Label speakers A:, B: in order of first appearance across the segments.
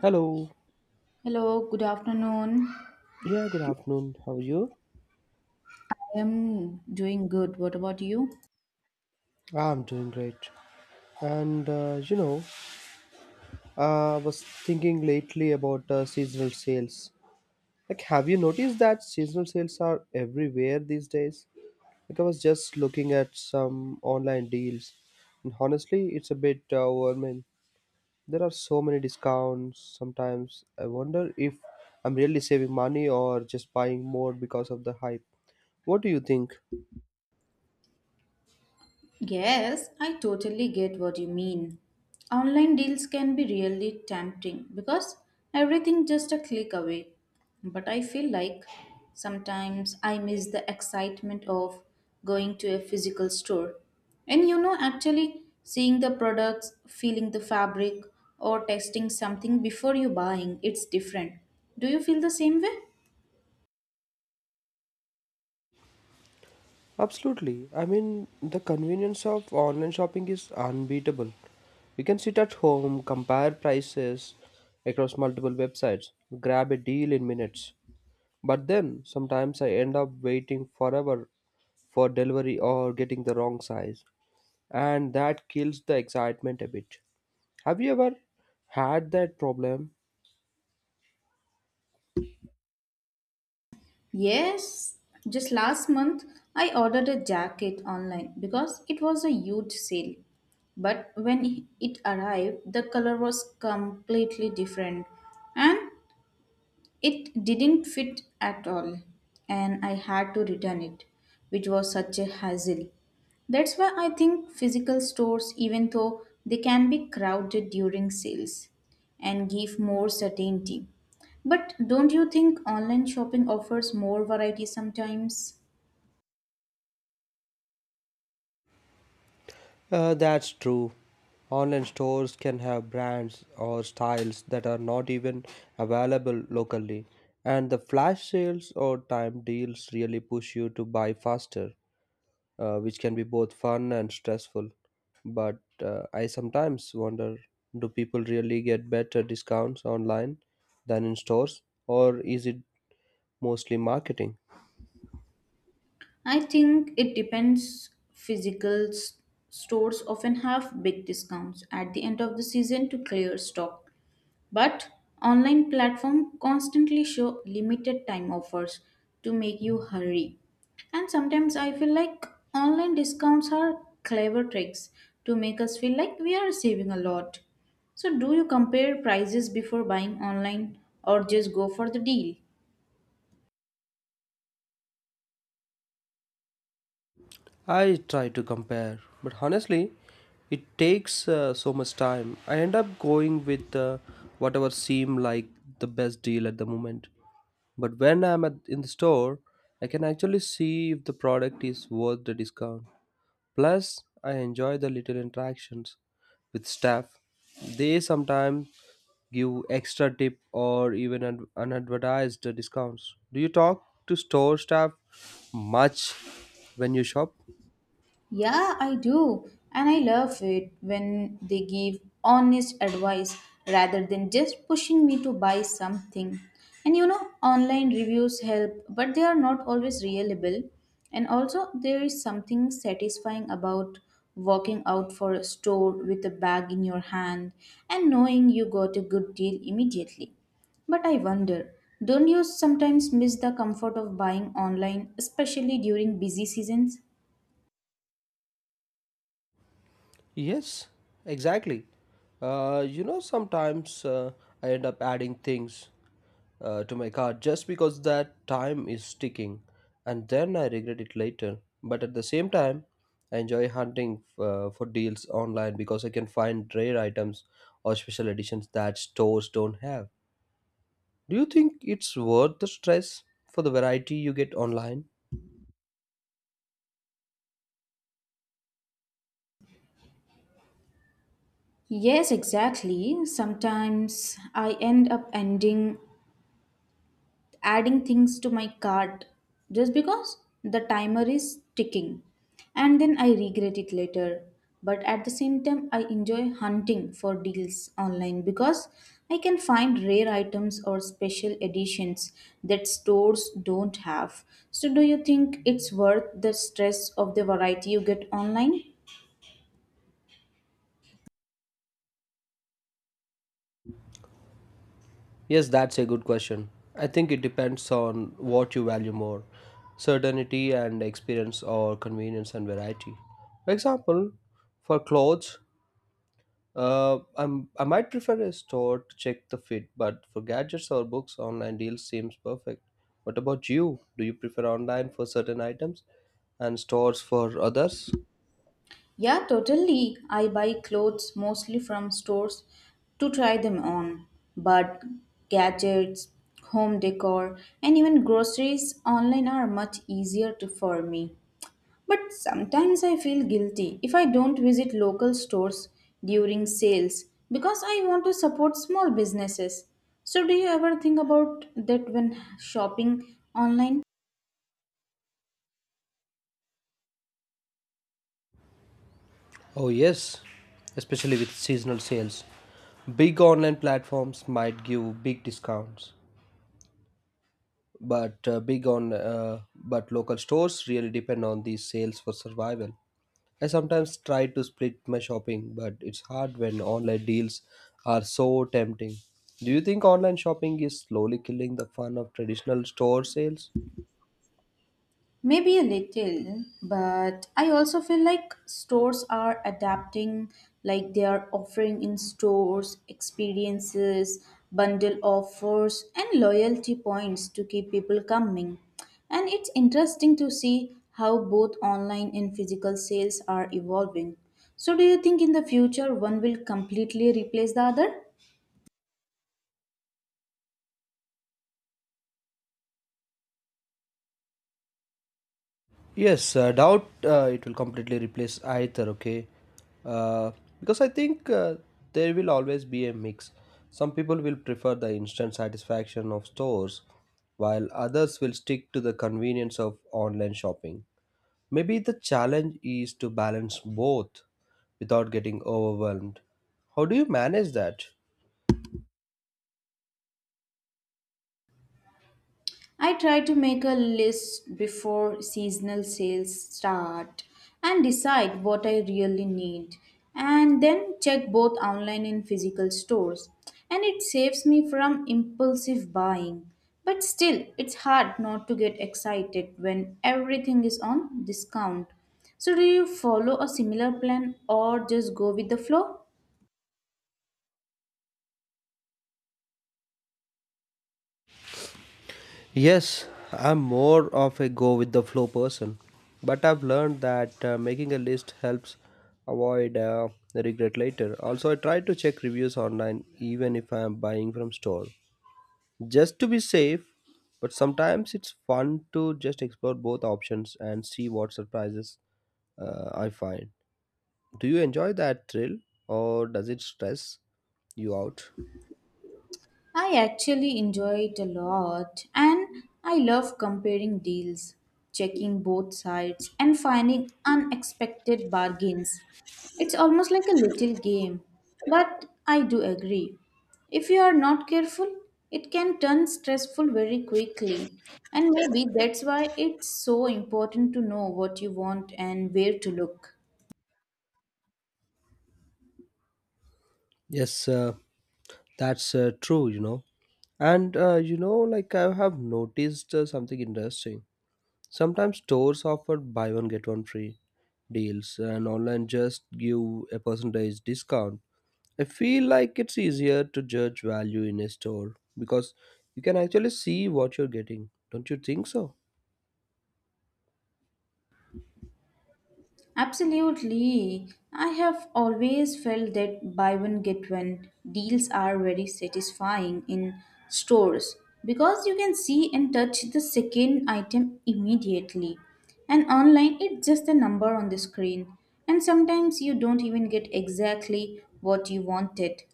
A: Hello.
B: Hello, good afternoon.
A: Yeah, good afternoon. How are you?
B: I am doing good. What about you?
A: I'm doing great. And uh, you know, I was thinking lately about seasonal sales. Like, have you noticed that seasonal sales are everywhere these days? Like, I was just looking at some online deals, and honestly, it's a bit overwhelming. There are so many discounts. Sometimes I wonder if I'm really saving money or just buying more because of the hype. What do you think?
B: Yes, I totally get what you mean. Online deals can be really tempting because everything just a click away. But I feel like sometimes I miss the excitement of going to a physical store. And you know, actually seeing the products, feeling the fabric, or testing something before you buying, it's different. Do you feel the same way?
A: Absolutely. I mean, the convenience of online shopping is unbeatable. We can sit at home, compare prices across multiple websites, grab a deal in minutes. But then sometimes I end up waiting forever for delivery or getting the wrong size, and that kills the excitement a bit. Have you ever had that problem?
B: Yes, just last month I ordered a jacket online because it was a huge sale. But when it arrived, the color was completely different and it didn't fit at all, and I had to return it, which was such a hassle. That's why I think physical stores, even though they can be crowded during sales and give more certainty. But don't you think online shopping offers more variety sometimes?
A: That's true. Online stores can have brands or styles that are not even available locally, and the flash sales or time deals really push you to buy faster, which can be both fun and stressful. But I sometimes wonder, do people really get better discounts online than in stores, or is it mostly marketing?
B: I think it depends. Stores often have big discounts at the end of the season to clear stock. But online platform constantly show limited time offers to make you hurry. And sometimes I feel like online discounts are clever tricks to make us feel like we are saving a lot. So do you compare prices before buying online or just go for the deal?
A: I try to compare, but honestly, it takes so much time. I end up going with whatever seem like the best deal at the moment. But when in the store, I can actually see if the product is worth the discount. Plus, I enjoy the little interactions with staff. They sometimes give extra tip or even unadvertised discounts. Do you talk to store staff much when you shop?
B: Yeah, I do. And I love it when they give honest advice rather than just pushing me to buy something. And you know, online reviews help, but they are not always reliable. And also, there is something satisfying about walking out for a store with a bag in your hand and knowing you got a good deal immediately. But I wonder, don't you sometimes miss the comfort of buying online, especially during busy seasons?
A: Yes, exactly. You know, sometimes I end up adding things to my cart just because that time is ticking, and then I regret it later. But at the same time, I enjoy hunting for deals online because I can find rare items or special editions that stores don't have. Do you think it's worth the stress for the variety you get online?
B: Yes, exactly. Sometimes I end up ending adding things to my cart just because the timer is ticking and then I regret it later. But at the same time, I enjoy hunting for deals online because I can find rare items or special editions that stores don't have. So, do you think it's worth the stress of the variety you get online?
A: Yes, that's a good question. I think it depends on what you value more: certainty and experience, or convenience and variety. For example, for clothes, I might prefer a store to check the fit, but for gadgets or books, online deals seems perfect. What about you? Do you prefer online for certain items and stores for others?
B: Yeah, totally. I buy clothes mostly from stores to try them on. But gadgets, home decor, and even groceries online are much easier to, for me. But sometimes I feel guilty if I don't visit local stores during sales because I want to support small businesses. So, do you ever think about that when shopping online?
A: Oh, yes, especially with seasonal sales. Big online platforms might give big discounts but big on but local stores really depend on these sales for survival. I sometimes try to split my shopping, but it's hard when online deals are so tempting. Do you think online shopping is slowly killing the fun of traditional store sales?
B: Maybe a little, but I also feel like stores are adapting, like they are offering in stores experiences, bundle offers, and loyalty points to keep people coming. And it's interesting to see how both online and physical sales are evolving. So, do you think in the future one will completely replace the other?
A: Yes, I doubt it will completely replace either, okay? Uh, because I think there will always be a mix. Some people will prefer the instant satisfaction of stores, while others will stick to the convenience of online shopping. Maybe the challenge is to balance both without getting overwhelmed. How do you manage that?
B: I try to make a list before seasonal sales start and decide what I really need and then check both online and physical stores, and it saves me from impulsive buying, but still it's hard not to get excited when everything is on discount. So do you follow a similar plan or just go with the flow?
A: Yes, I'm more of a go with the flow person, but I've learned that making a list helps avoid the regret later. Also, I try to check reviews online even if I'm buying from store, just to be safe, but sometimes it's fun to just explore both options and see what surprises I find. Do you enjoy that thrill, or does it stress you out?
B: I actually enjoy it a lot, and I love comparing deals, checking both sides, and finding unexpected bargains. It's almost like a little game, but I do agree. If you are not careful, it can turn stressful very quickly, and maybe that's why it's so important to know what you want and where to look.
A: Yes, That's True, you know. And you know, like, I have noticed something interesting. Sometimes stores offer buy one get one free deals, and online just give a percentage discount. I feel like it's easier to judge value in a store because you can actually see what you're getting. Don't you think so?
B: Absolutely. I have always felt that buy one get one deals are very satisfying in stores because you can see and touch the second item immediately. And online, it's just a number on the screen. And sometimes you don't even get exactly what you wanted.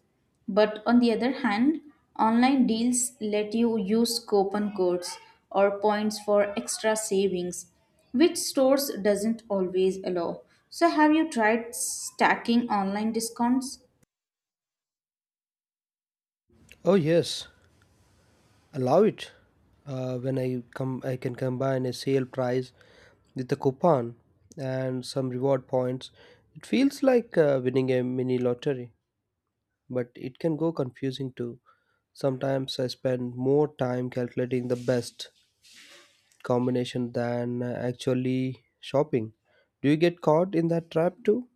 B: But on the other hand, online deals let you use coupon codes or points for extra savings, which stores doesn't always allow. So have you tried stacking online discounts?
A: Oh, yes. Allow it, when I come I can combine a sale price with a coupon and some reward points. It feels like winning a mini lottery, but it can go confusing too. Sometimes I spend more time calculating the best combination than actually shopping. Do you get caught in that trap too?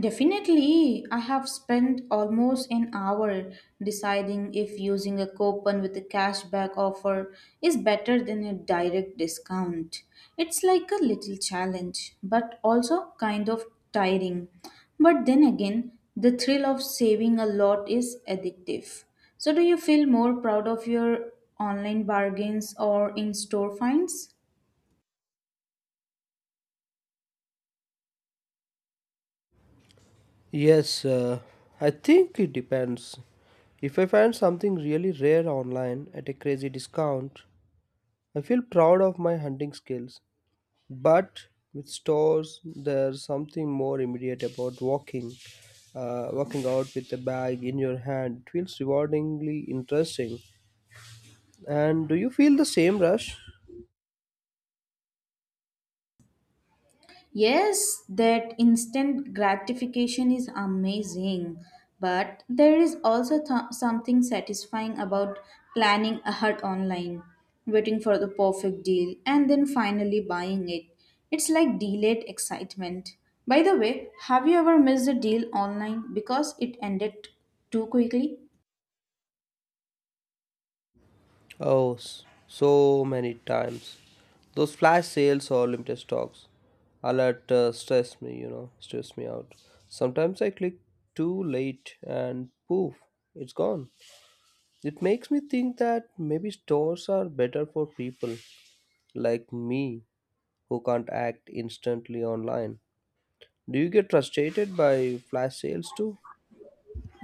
B: Definitely, I have spent almost an hour deciding if using a coupon with a cashback offer is better than a direct discount. It's like a little challenge, but also kind of tiring. But then again, the thrill of saving a lot is addictive. So, do you feel more proud of your online bargains or in store finds?
A: Yes, uh, I think it depends. If I find something really rare online at a crazy discount, I feel proud of my hunting skills, but with stores, there's something more immediate about walking. Walking out with a bag in your hand, it feels rewardingly interesting. And do you feel the same rush?
B: Yes, that instant gratification is amazing, but there is also something satisfying about planning ahead online, waiting for the perfect deal, and then finally buying it. It's like delayed excitement. By the way, have you ever missed a deal online because it ended too quickly?
A: Oh, so many times. Those flash sales or limited stocks alert stress me out. Sometimes I click too late and poof, it's gone. It makes me think that maybe stores are better for people like me who can't act instantly online. Do you get frustrated by flash sales too?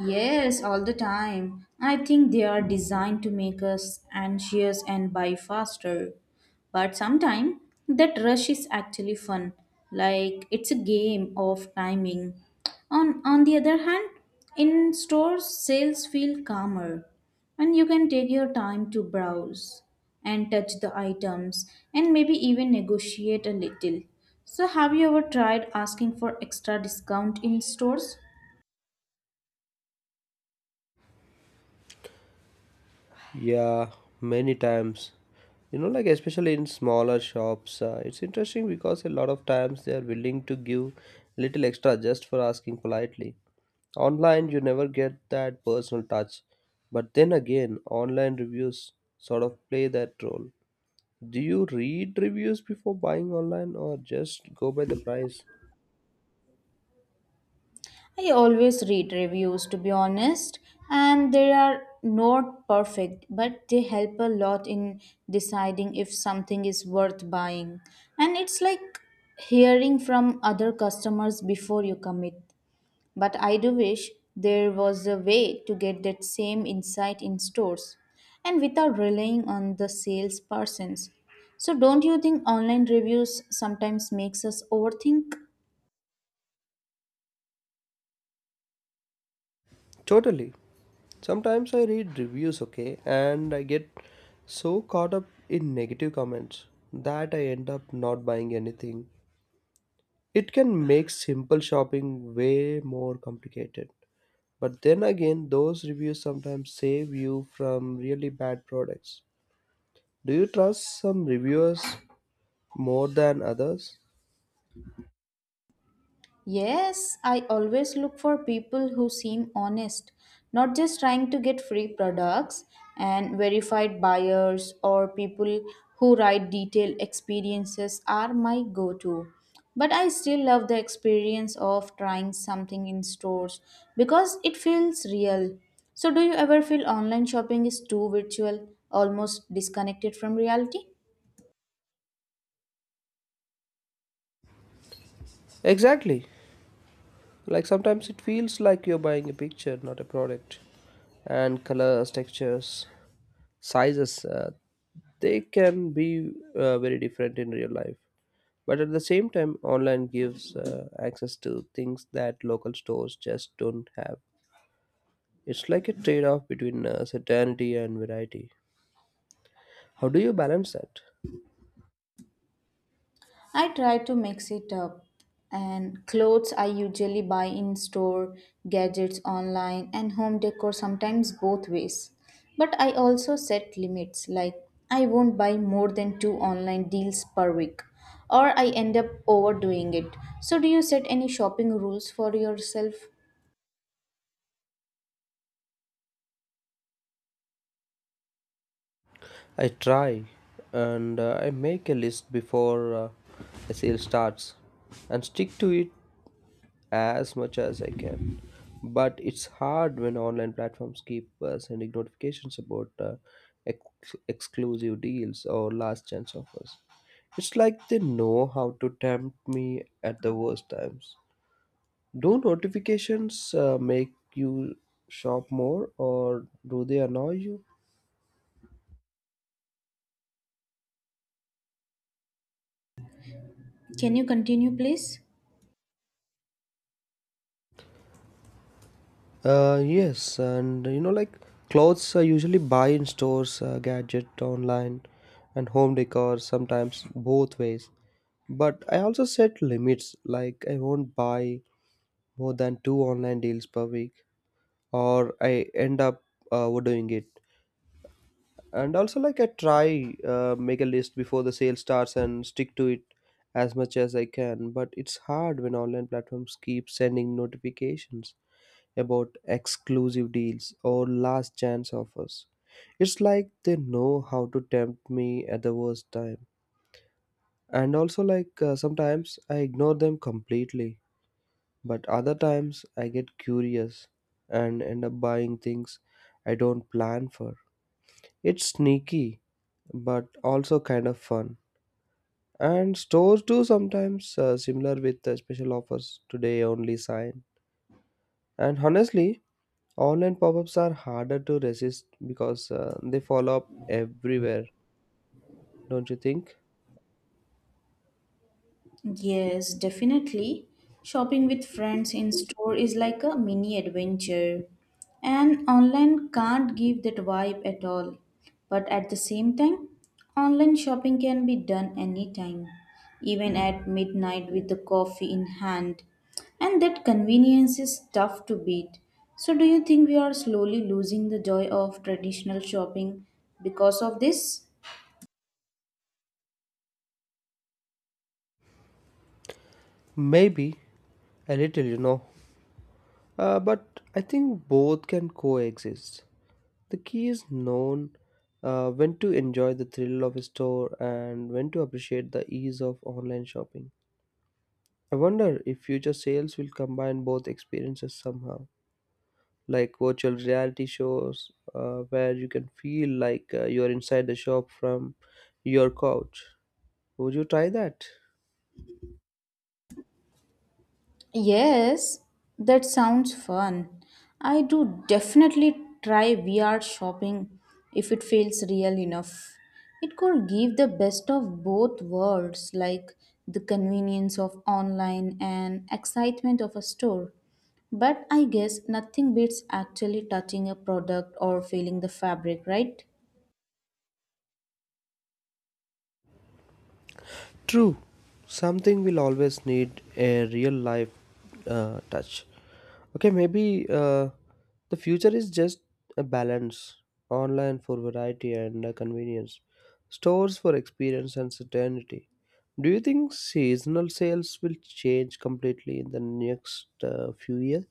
B: Yes, all the time. I think they are designed to make us anxious and buy faster. But sometimes that rush is actually fun. Like it's a game of timing. On the other hand, in stores sales feel calmer and you can take your time to browse and touch the items and maybe even negotiate a little. So have you ever tried asking for extra discount in stores?
A: Yeah, many times. You know, like, especially in smaller shops, it's interesting because a lot of times they are willing to give little extra just for asking politely. Online, you never get that personal touch. But then again, online reviews sort of play that role. Do you read reviews before buying online or just go by the price?
B: I always read reviews to be honest, and they are not perfect, but they help a lot in deciding if something is worth buying. And it's like hearing from other customers before you commit. But I do wish there was a way to get that same insight in stores and without relying on the salespersons. So don't you think online reviews sometimes makes us overthink?
A: Totally. Sometimes I read reviews, okay, and I get so caught up in negative comments that I end up not buying anything. It can make simple shopping way more complicated. But then again, those reviews sometimes save you from really bad products. Do you trust some reviewers more than others?
B: Yes, I always look for people who seem honest, not just trying to get free products, and verified buyers or people who write detailed experiences are my go to. But I still love the experience of trying something in stores because it feels real. So, do you ever feel online shopping is too virtual, almost disconnected from reality?
A: Exactly. Like sometimes it feels like you're buying a picture, not a product. And colors, textures, sizes, they can be very different in real life. But at the same time, online gives access to things that local stores just don't have. It's like a trade off between certainty and variety. How do you balance that?
B: I try to mix it up. And clothes I usually buy in store, gadgets online, and home decor sometimes both ways. But I also set limits, like I won't buy more than two online deals per week, or I end up overdoing it. So, do you set any shopping rules for yourself?
A: I try, and I make a list before the sale starts and stick to it as much as I can. But it's hard when online platforms keep sending notifications about exclusive deals or last chance offers. It's like they know how to tempt me at the worst times. Do notifications make you shop more, or do they annoy you?
B: Can you continue, please?
A: Yes, and you know, like, clothes I usually buy in stores, gadget online, and home decor sometimes both ways. But I also set limits, like I won't buy more than two online deals per week, or I end up overdoing it. And also, like, I try make a list before the sale starts and stick to it as much as I can. But it's hard when online platforms keep sending notifications about exclusive deals or last chance offers. It's like they know how to tempt me at the worst time. And also, like, sometimes I ignore them completely, but other times I get curious and end up buying things I don't plan for. It's sneaky, but also kind of fun. And stores do sometimes similar with special offers today only sign. And honestly, online pop ups are harder to resist because they follow up everywhere, don't you think?
B: Yes, definitely. Shopping with friends in store is like a mini adventure. And online can't give that vibe at all. But at the same time, online shopping can be done anytime, even at midnight with the coffee in hand. And that convenience is tough to beat. So, do you think we are slowly losing the joy of traditional shopping because of this?
A: Maybe a little, you know. But I think both can coexist. The key is known when to enjoy the thrill of a store and when to appreciate the ease of online shopping. I wonder if future sales will combine both experiences somehow, like virtual reality shows where you can feel like you're inside the shop from your couch. Would you try that?
B: Yes, that sounds fun. I do definitely try VR shopping if it feels real enough. It could give the best of both worlds, like the convenience of online and excitement of a store. But I guess nothing beats actually touching a product or feeling the fabric, right?
A: True. Something will always need a real life touch. Okay, maybe the future is just a balance: online for variety and convenience, stores for experience and certainty. Do you think seasonal sales will change completely in the next few years?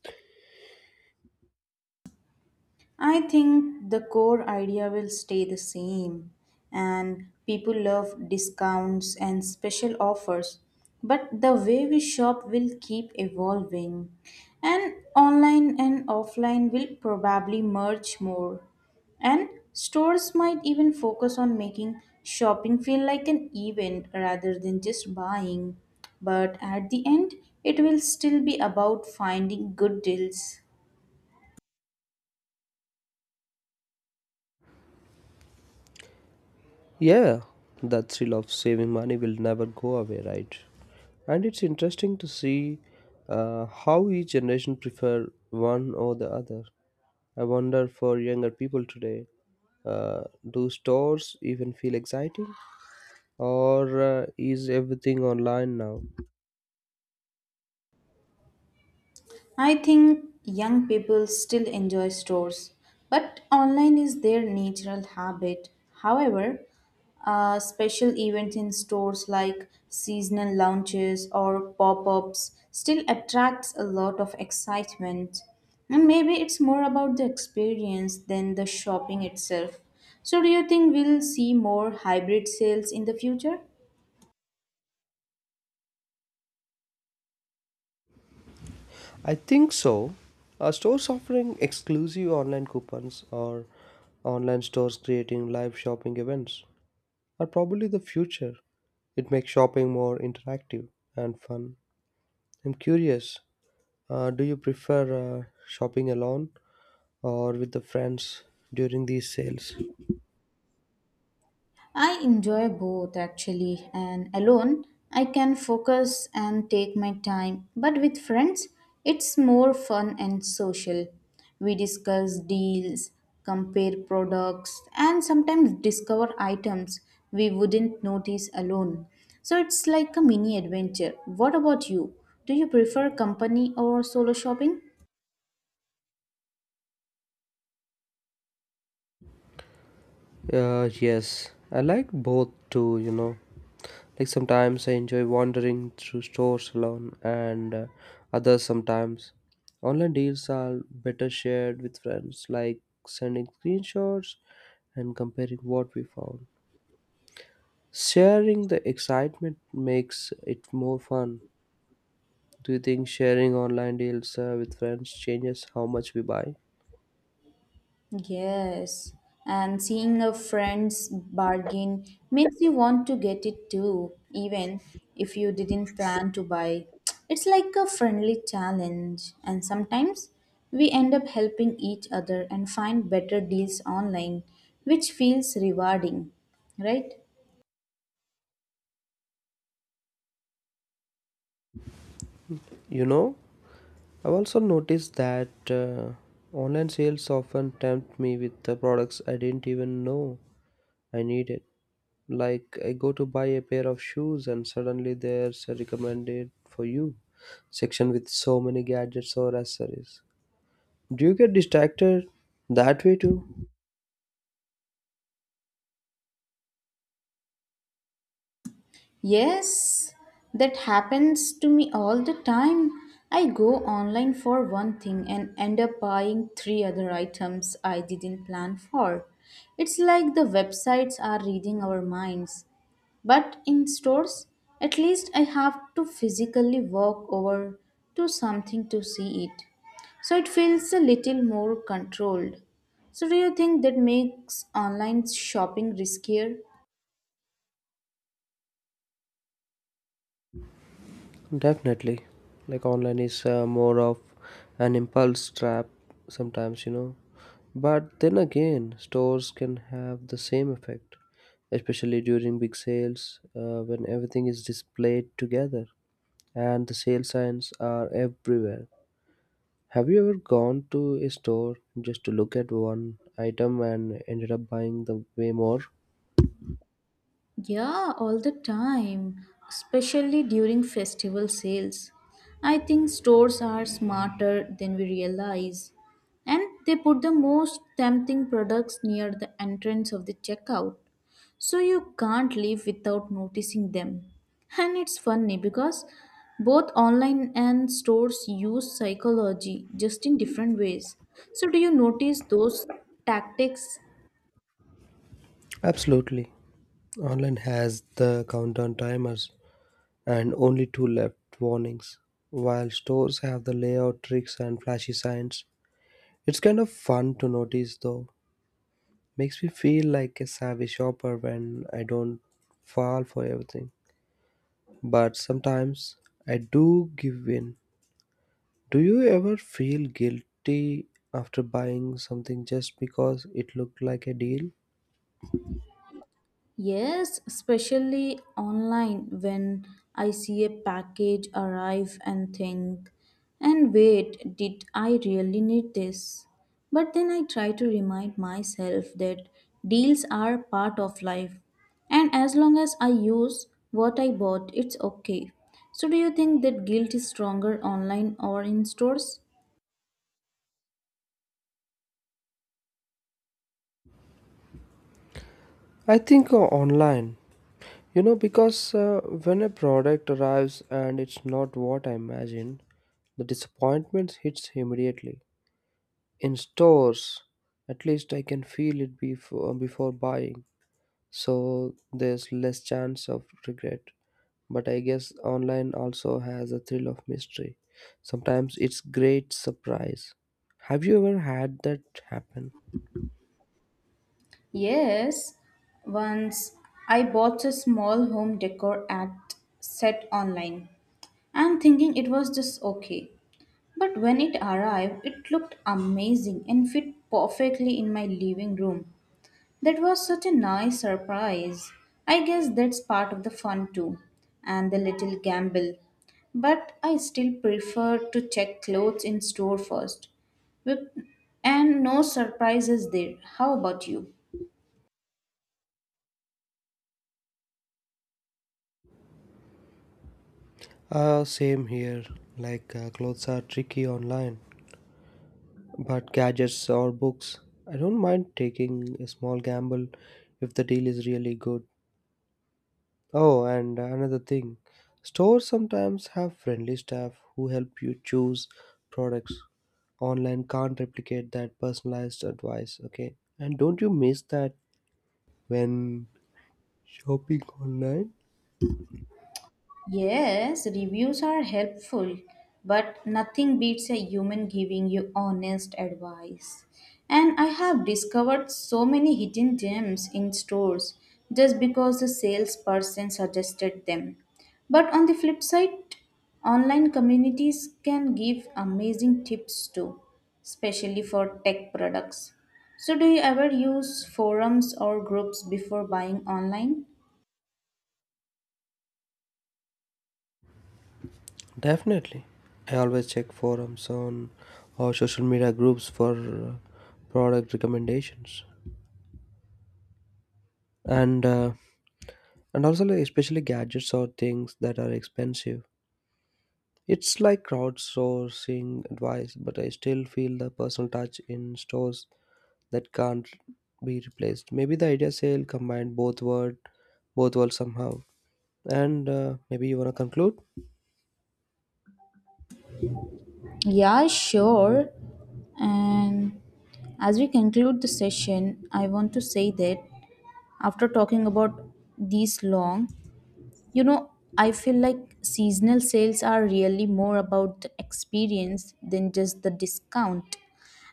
B: I think the core idea will stay the same, and people love discounts and special offers, but the way we shop will keep evolving, and online and offline will probably merge more, and stores might even focus on making shopping feel like an event rather than just buying. But at the end, it will still be about finding good deals.
A: Yeah, the thrill of saving money will never go away, right? And it's interesting to see how each generation prefer one or the other. I wonder, for younger people today, uh, do stores even feel exciting, or is everything online now?
B: I think young people still enjoy stores, but online is their natural habit. However, special events in stores like seasonal launches or pop-ups still attracts a lot of excitement. And maybe it's more about the experience than the shopping itself. So do you think we'll see more hybrid sales in the future?
A: I think so. Are stores offering exclusive online coupons, or online stores creating live shopping events, are probably the future. It makes shopping more interactive and fun. I'm curious, do you prefer shopping alone or with the friends during these sales?
B: I enjoy both actually, and alone I can focus and take my time, but with friends it's more fun and social. We discuss deals, compare products, and sometimes discover items we wouldn't notice alone. So it's like a mini adventure. What about you? Do you prefer company or solo shopping?
A: Yes, I like both too, you know. Like sometimes I enjoy wandering through stores alone, and others sometimes. Online deals are better shared with friends, like sending screenshots and comparing what we found. Sharing the excitement makes it more fun. Do you think sharing online deals with friends changes how much we buy?
B: Yes, and seeing a friend's bargain makes you want to get it too, even if you didn't plan to buy. It's like a friendly challenge, and sometimes we end up helping each other and find better deals online, which feels rewarding, right?
A: You know, I've also noticed that online sales often tempt me with the products I didn't even know I needed. Like, I go to buy a pair of shoes and suddenly there's a recommended for you section with so many gadgets or accessories. Do you get distracted that way too?
B: Yes, that happens to me all the time. I go online for one thing and end up buying three other items I didn't plan for. It's like the websites are reading our minds. But in stores, at least I have to physically walk over to something to see it. So it feels a little more controlled. So do you think that makes online shopping riskier?
A: Definitely. Like online is more of an impulse trap sometimes, you know. But then again, stores can have the same effect, especially during big sales when everything is displayed together and the sale signs are everywhere. Have you ever gone to a store just to look at one item and ended up buying the way more?
B: Yeah, all the time, especially during festival sales. I think stores are smarter than we realize, and they put the most tempting products near the entrance of the checkout, so you can't leave without noticing them. And it's funny because both online and stores use psychology just in different ways. So, do you notice those tactics?
A: Absolutely. Online has the countdown timers and only two left warnings. While stores have the layout tricks and flashy signs, it's kind of fun to notice though. Makes me feel like a savvy shopper when I don't fall for everything. But sometimes I do give in. Do you ever feel guilty after buying something just because it looked like a deal?
B: Yes, especially online when I see a package arrive and think, and wait, did I really need this? But then I try to remind myself that deals are part of life, and as long as I use what I bought, it's okay. So, do you think that guilt is stronger online or in stores?
A: I think Online. You know, because when a product arrives and it's not what I imagined, the disappointment hits immediately. In stores, at least I can feel it before buying, so there's less chance of regret. But I guess online also has a thrill of mystery. Sometimes it's great surprise. Have you ever had that happen?
B: Yes, once I bought a small home decor at set online and thinking it was just okay. But when it arrived, it looked amazing and fit perfectly in my living room. That was such a nice surprise. I guess that's part of the fun too, and the little gamble. But I still prefer to check clothes in store first. With- And no surprises there. How about you?
A: Same here. Like clothes are tricky online, but gadgets or books, I don't mind taking a small gamble if the deal is really good. Oh, and another thing, stores sometimes have friendly staff who help you choose products. Online can't replicate that personalized advice, okay? And don't you miss that when shopping online?
B: Yes, reviews are helpful, but nothing beats a human giving you honest advice. And I have discovered so many hidden gems in stores just because the salesperson suggested them. But on the flip side, online communities can give amazing tips too, especially for tech products. So, do you ever use forums or groups before buying online?
A: Definitely. I always check forums on or social media groups for product recommendations. And uh, and also like especially gadgets or things that are expensive. It's like crowdsourcing advice, but I still feel the personal touch in stores that can't be replaced. Maybe the idea sale combined both worlds somehow. And maybe you wanna conclude.
B: Yeah, sure. And as we conclude the session, I want to say that after talking about these long, you know, I feel like seasonal sales are really more about the experience than just the discount.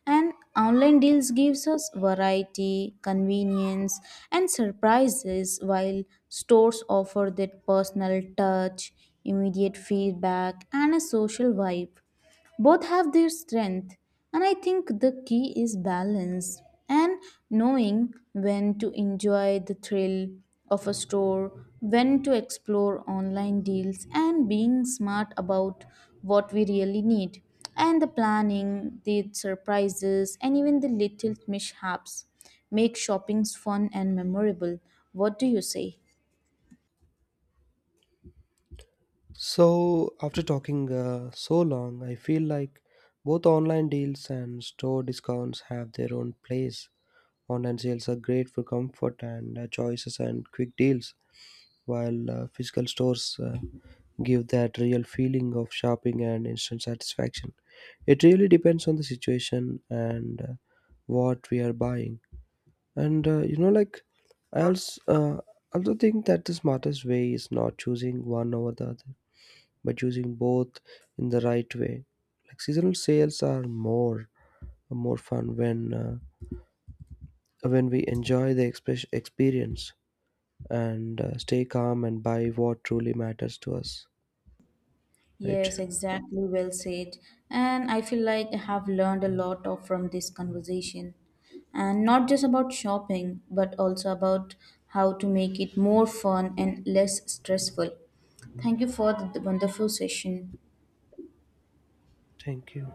B: And online deals gives us variety, convenience, and surprises, while stores offer that personal touch, immediate feedback, and a social vibe. Both have their strength, and I think the key is balance, and knowing when to enjoy the thrill of a store, when to explore online deals, and being smart about what we really need, and the planning, the surprises, and even the little mishaps make shoppings fun and memorable. What do you say?
A: So after talking so long, I feel like both online deals and store discounts have their own place. Online sales are great for comfort and choices and quick deals, while physical stores give that real feeling of shopping and instant satisfaction. It really depends on the situation and what we are buying. And you know, like, I also also think that the smartest way is not choosing one over the other, but choosing both in the right way. Like seasonal sales are more fun when we enjoy the express experience and stay calm and buy what truly matters to us, right?
B: Yes, exactly. Well said. And I feel like I have learned a lot of from this conversation. And not just about shopping, but also about how to make it more fun and less stressful. Thank you for the wonderful session.
A: Thank you.